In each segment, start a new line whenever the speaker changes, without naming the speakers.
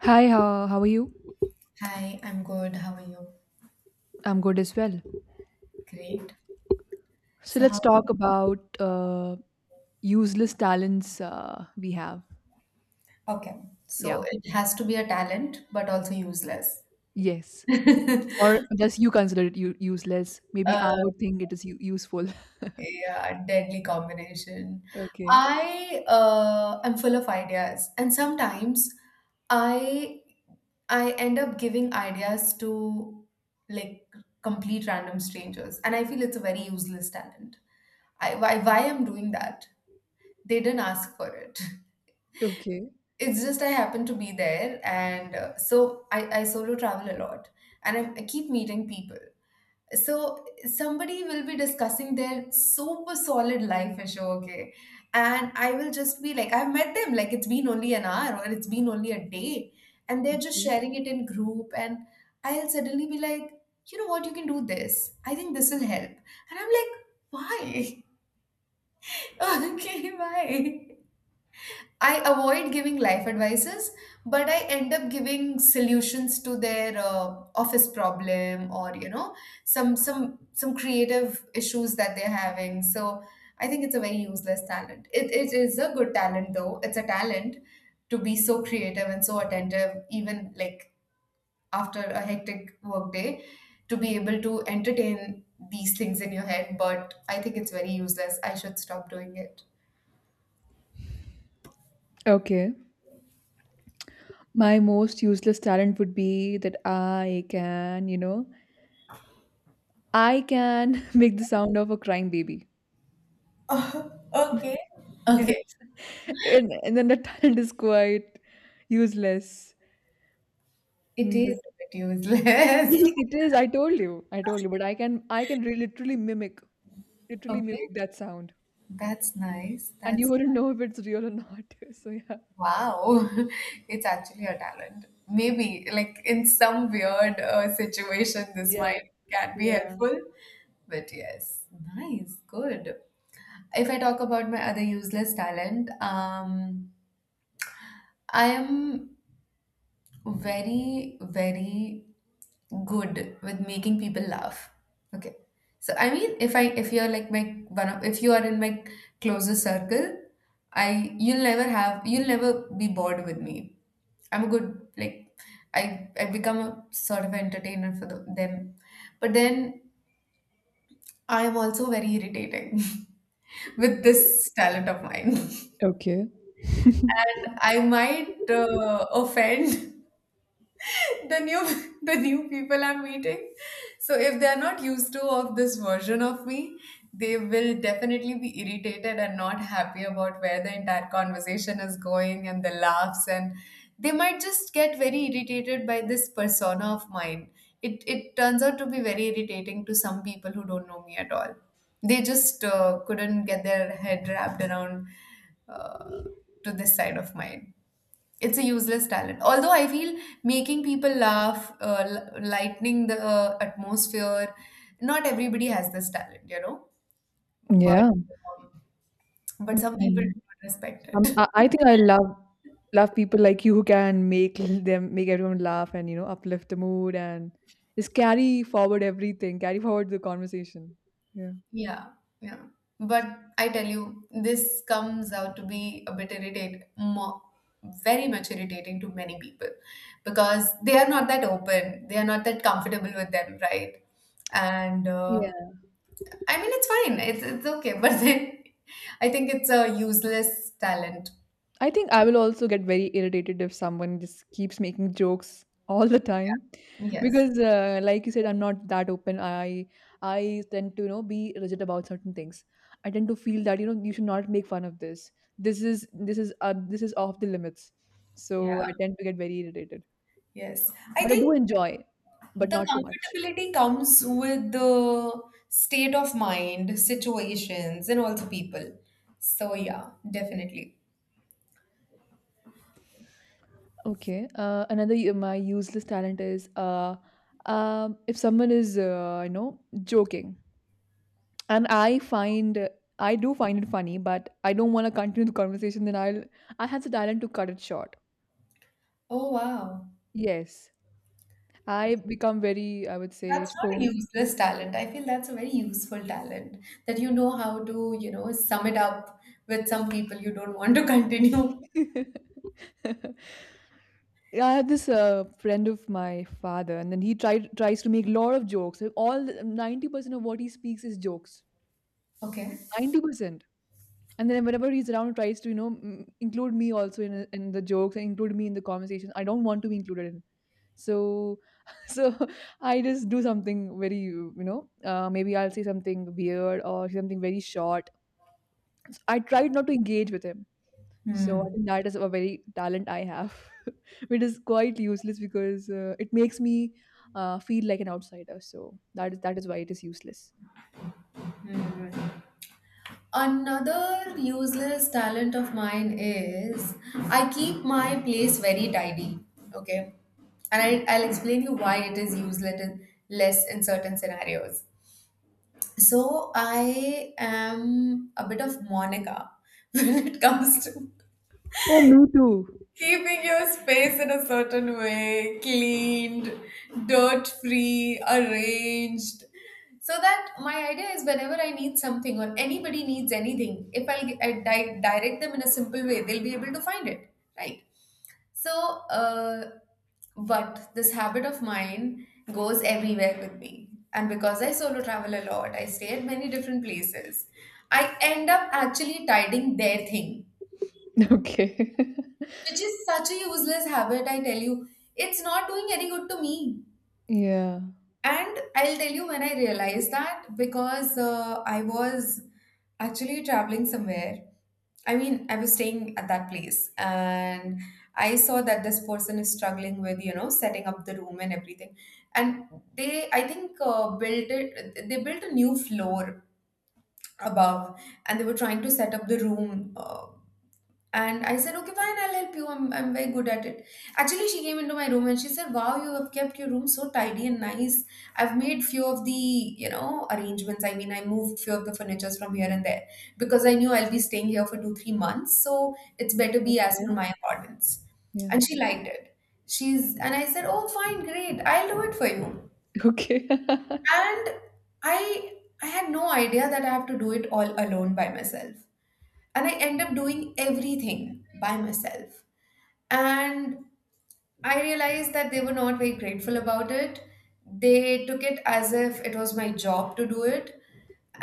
Hi, how are you?
Hi, I'm good. How are you?
I'm good as well.
Great.
So
So how?
let's talk about useless talents we have.
Okay.
Yeah.
So it has to be a talent, but also useless.
Yes. Or does you consider it useless? Maybe
Uh,
I would think it is useful.
yeah, deadly combination.
Okay.
I am full of ideas, and sometimes I I end up giving ideas to like complete random strangers, and I feel it's a very useless talent. I why I'm doing that? They didn't ask for it.
Okay.
It's just I happen to be there, and so I solo travel a lot, and I keep meeting people. So somebody will be discussing their super solid life issue, okay, and I will just be like, I've met them, like it's been only an hour or it's been only a day, and they're just
Okay.
sharing it in group, and I'll suddenly be like, you know what, you can do this. I think this will help, and I'm like, why? Okay, why? I avoid giving life advices, but I end up giving solutions to their office problem or you know some creative issues that they're having. So I think it's a very useless talent. It is a good talent though. It's a talent to be so creative and so attentive, even like after a hectic workday, to be able to entertain these things in your head. But I think it's very useless. I should stop doing it.
Okay. My most useless talent would be that I can, you know, I can make the sound of a crying baby.
Okay.
Yeah.
Okay.
And then the talent is quite useless.
It is
Mm,
a bit useless.
it is. I told you. I told you. But literally
Okay,
mimic that sound,
that's nice.
and you
That's
wouldn't know if it's real or not. So yeah,
wow. It's actually a talent. Maybe like in some weird situation, this might
yeah,
can be
yeah.
helpful. But yes, nice, good. If I talk about my other useless talent, I am very, very good with making people laugh. Okay. So I mean if you're like my one of if you are in my closest circle, I you'll never have you'll never be bored with me. I'm a good like I become a sort of entertainer for them. But then I am also very irritating with this talent of mine.
Okay.
And I might offend the new the new people I'm meeting. So if they're not used to of this version of me, they will definitely be irritated and not happy about where the entire conversation is going and the laughs and they might just get very irritated by this persona of mine. It turns out to be very irritating to some people who don't know me at all. They just couldn't get their head wrapped around uh, to this side of mine. It's a useless talent, although I feel making people laugh, lightening the atmosphere, not everybody has this talent, you know, but
Yeah,
um, but
I
some people
know.
do not respect it.
I think I love people like you who can make everyone laugh, and you know, uplift the mood and just carry forward everything, carry forward the conversation. Yeah.
yeah yeah, but I tell you this comes out to be a bit irritating, more, very much irritating to many people because they are not that open, they are not that comfortable with them, right? And I mean, it's fine. It's okay. But then I think it's a useless talent.
I think I will also get very irritated if someone just keeps making jokes all the time,
Yes.
because like you said, I'm not that open. I tend to, you know, be rigid about certain things. I tend to feel that, you know, you should not make fun of this. This is this is off the limits, so
Yeah.
I tend to get very irritated,
Yes. I
but I do
think
enjoy, but
the
not too much.
comfortability comes with the state of mind, situations, and also people. So, yeah, definitely.
Okay, another my useless talent is if someone is, you know, joking, and I do find it funny, but I don't want to continue the conversation, then I had the talent to cut it short.
Oh, wow.
Yes. I become very, I would say,
That's not a
stone.
useless talent. I feel that's a very useful talent that you know how to, you know, sum it up with some people you don't want to continue.
I had this friend of my father, and then he tried tries to make a lot of jokes. All 90% of what he speaks is jokes.
Okay.
90%. And then whenever he's around, he tries to, you know, include me also in the jokes and include me in the conversation. I don't want to be included in. So, so I just do something very, you know, maybe I'll say something weird or something very short. So I tried not to engage with him. So I
Hmm.
think that is a very talent I have, which is quite useless, because it makes me feel like an outsider. So that is why it is useless.
Hmm. Another useless talent of mine is I keep my place very tidy. Okay. And I'll explain you why it is useless in, less in certain scenarios. So I am a bit of Monica when it comes to
Oh, me too.
keeping your space in a certain way, cleaned, dirt free, arranged. So that my idea is whenever I need something or anybody needs anything, if I'll gi- I di- direct them in a simple way, they'll be able to find it, right? So, uh, but this habit of mine goes everywhere with me. And because I solo travel a lot, I stay at many different places, I end up actually tidying their thing,
Okay.
which is such a useless habit, I tell you. It's not doing any good to me.
Yeah.
And I'll tell you when I realized that because I was actually traveling somewhere. I mean, I was staying at that place and I saw that this person is struggling with, you know, setting up the room and everything. And they, I think, they built a new floor above and they were trying to set up the room. And I said, okay, fine, I'll help you. I'm very good at it. Actually, she came into my room and she said, wow, you have kept your room so tidy and nice. I've made few of the, you know, arrangements. I mean, I moved few of the furnitures from here and there because I knew I'll be staying here for two, 3 months. So it's better be as per
Yeah.
my accordance.
Yeah.
And she liked it. She's, and I said, oh, fine, great. I'll do it for you.
Okay.
And I, I had no idea that I have to do it all alone by myself. And I end up doing everything by myself. And I realized that they were not very grateful about it. They took it as if it was my job to do it.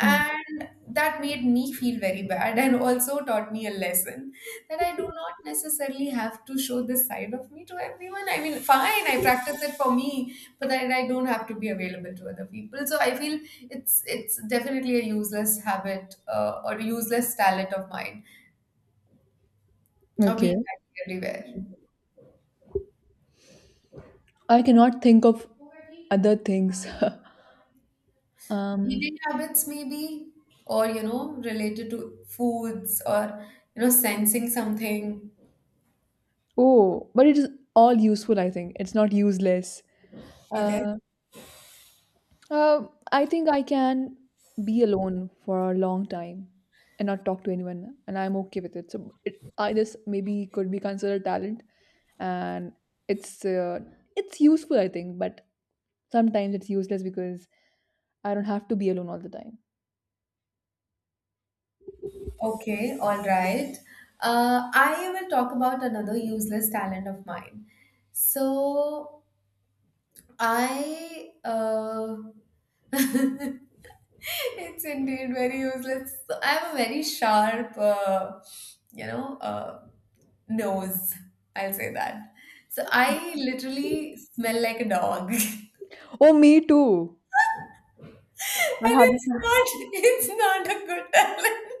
Hmm.
that made me feel very bad and also taught me a lesson that I do not necessarily have to show this side of me to everyone. I mean, fine, I practice it for me, but that I don't have to be available to other people. So I feel it's definitely a useless habit or a useless talent of mine of being
Okay.
happy everywhere.
I cannot think of other things. Um.
Eating habits, maybe, or you know, related to foods or you know, sensing something.
Oh, but it is all useful. I think it's not useless.
Okay.
Uh, uh, I think I can be alone for a long time and not talk to anyone, and I'm okay with it. So it, I, this maybe could be considered talent, and it's uh, it's useful, I think, but sometimes it's useless because I don't have to be alone all the time.
Okay, all right. I will talk about another useless talent of mine. So I it's indeed very useless. So I have a very sharp, you know, nose. I'll say that. So I literally smell like a dog.
Oh, me too. I
And
had this.
it's not a good talent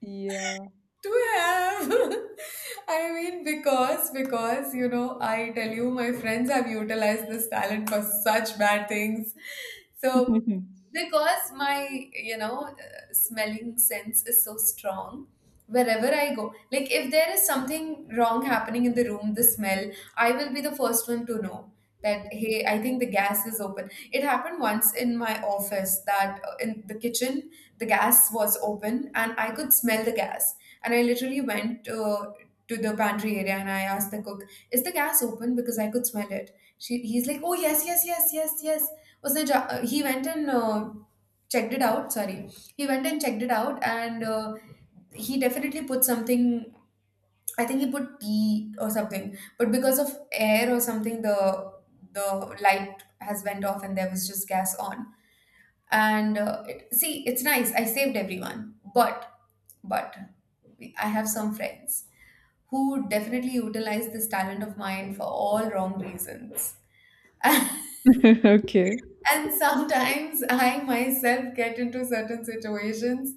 Yeah.
to have. I mean, because you know, I tell you, my friends have utilized this talent for such bad things. So because my, you know, smelling sense is so strong, wherever I go, like if there is something wrong happening in the room, the smell, I will be the first one to know that, hey, I think the gas is open. It happened once in my office that in the kitchen the gas was open and I could smell the gas. And I literally went to the pantry area and I asked the cook, "Is the gas open?" Because I could smell it. He's like, "Oh yes, yes, yes, yes, yes." Was the ja- he went and checked it out? Sorry, he went and checked it out, and he definitely put something. I think he put tea or something, but because of air or something, the light has went off and there was just gas on. And see, it's nice. I saved everyone, but I have some friends who definitely utilize this talent of mine for all wrong reasons.
Okay.
And sometimes I myself get into certain situations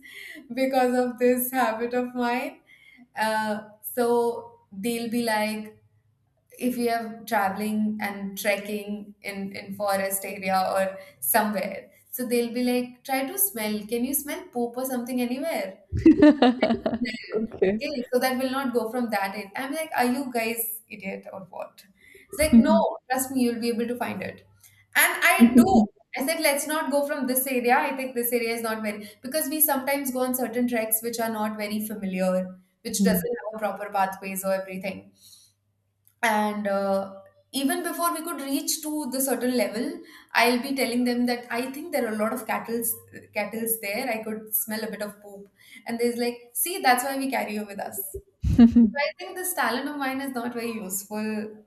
because of this habit of mine. So they'll be like, if we are traveling and trekking in forest area or somewhere, so they'll be like, try to smell. Can you smell poop or something anywhere?
Okay.
Okay, so that will not go from that end. I'm like, are you guys idiot or what? It's like, no, trust me, you'll be able to find it. And I do. I said, let's not go from this area. I think this area is not very, because we sometimes go on certain tracks which are not very familiar, which doesn't have a proper pathways or everything, and even before we could reach to the certain level, I'll be telling them that I think there are a lot of cattle's there, I could smell a bit of poop. And there's like, see, that's why we carry you with us. So I think this talent of mine is not very useful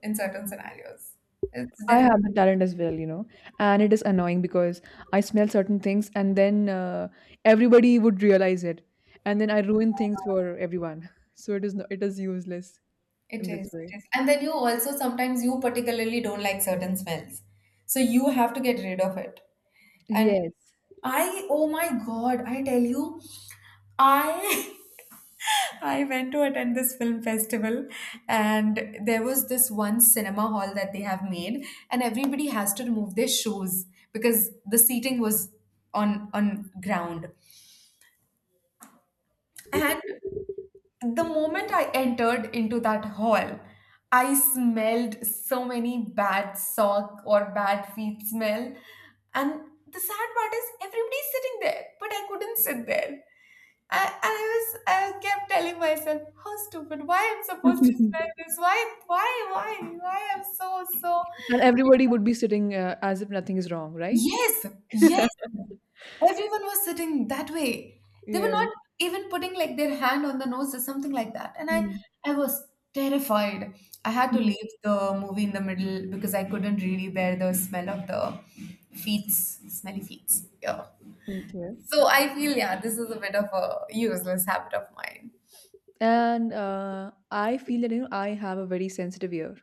in certain scenarios. It's
I
definitely.
have the talent as well, you know, and it is annoying because I smell certain things, and then everybody would realize it, and then I ruin things for everyone. So it is no, it is useless
It
in this
is,
way.
it is. And then you also sometimes you particularly don't like certain smells. So you have to get rid of it. And
Yes.
I, oh my God, I tell you, I I went to attend this film festival, and there was this one cinema hall that they have made, and everybody has to remove their shoes because the seating was on ground. And the moment I entered into that hall, I smelled so many bad sock or bad feet smell. And the sad part is everybody's sitting there, but I couldn't sit there. I was, I kept telling myself, how stupid, why I'm supposed to smell this? Why I'm so so.
And everybody would be sitting as if nothing is wrong, right?
Yes, yes. Everyone was sitting that way. They were not
Yes.
even putting like their hand on the nose or something like that. And
Mm.
I was terrified. I had to leave the movie in the middle because I couldn't really bear the smell of the feet, smelly feet. Yeah.
Okay.
So I feel, yeah, this is a bit of a useless habit of mine.
And I feel that, you know, I have a very sensitive ear.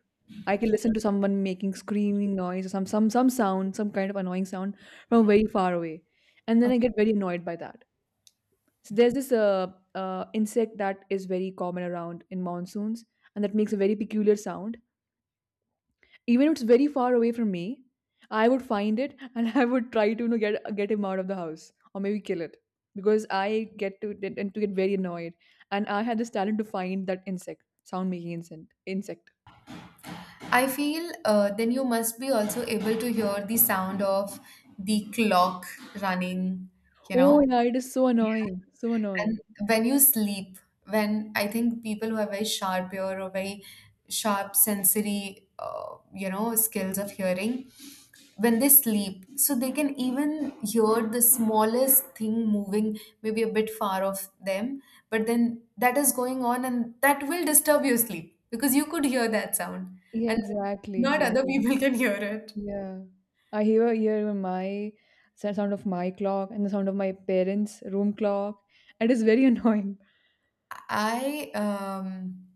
I can listen to someone making screaming noise or some sound, some kind of annoying sound from very far away, and then I
Okay.
get very annoyed by that. So there's this insect that is very common around in monsoons, and that makes a very peculiar sound. Even if it's very far away from me, I would find it, and I would try to, you know, get him out of the house, or maybe kill it, because I get to get- and to get very annoyed. And I had this talent to find that insect, sound making insect.
I feel then you must be also able to hear the sound of the clock running, you
Oh
know.
yeah, it is so annoying, so
And
annoying.
when you sleep, when I think people who have very sharp ear or very sharp sensory, you know, skills of hearing, when they sleep, so they can even hear the smallest thing moving, maybe a bit far off them, but then that is going on and that will disturb your sleep because you could hear that sound
Yeah,
and
exactly,
not other
exactly.
people can hear it.
Yeah, I hear my, the sound of my clock and the sound of my parents' room clock. It is very annoying.
I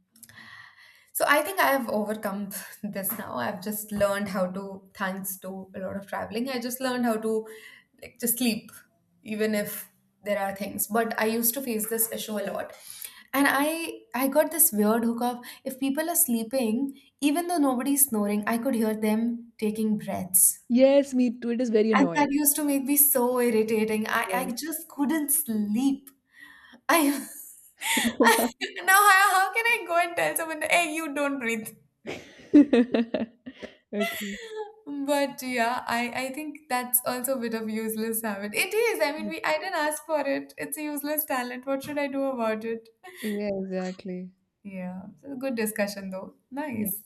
so I think I have overcome this now. I've just learned how to, thanks to a lot of traveling, I just learned how to like just sleep, even if there are things. But I used to face this issue a lot. And I got this weird hook of if people are sleeping, even though nobody's snoring, I could hear them taking breaths.
Yes, me too, it is very
And
annoying.
that used to make me so irritating. I just couldn't sleep. I
Yeah.
Now how can I go and tell someone that, hey, you don't breathe.
Okay.
But yeah, I think that's also a bit of useless habit. It is, I mean, we I didn't ask for it. It's a useless talent, what should I do about it?
Yeah, exactly.
Yeah, so good discussion though, nice.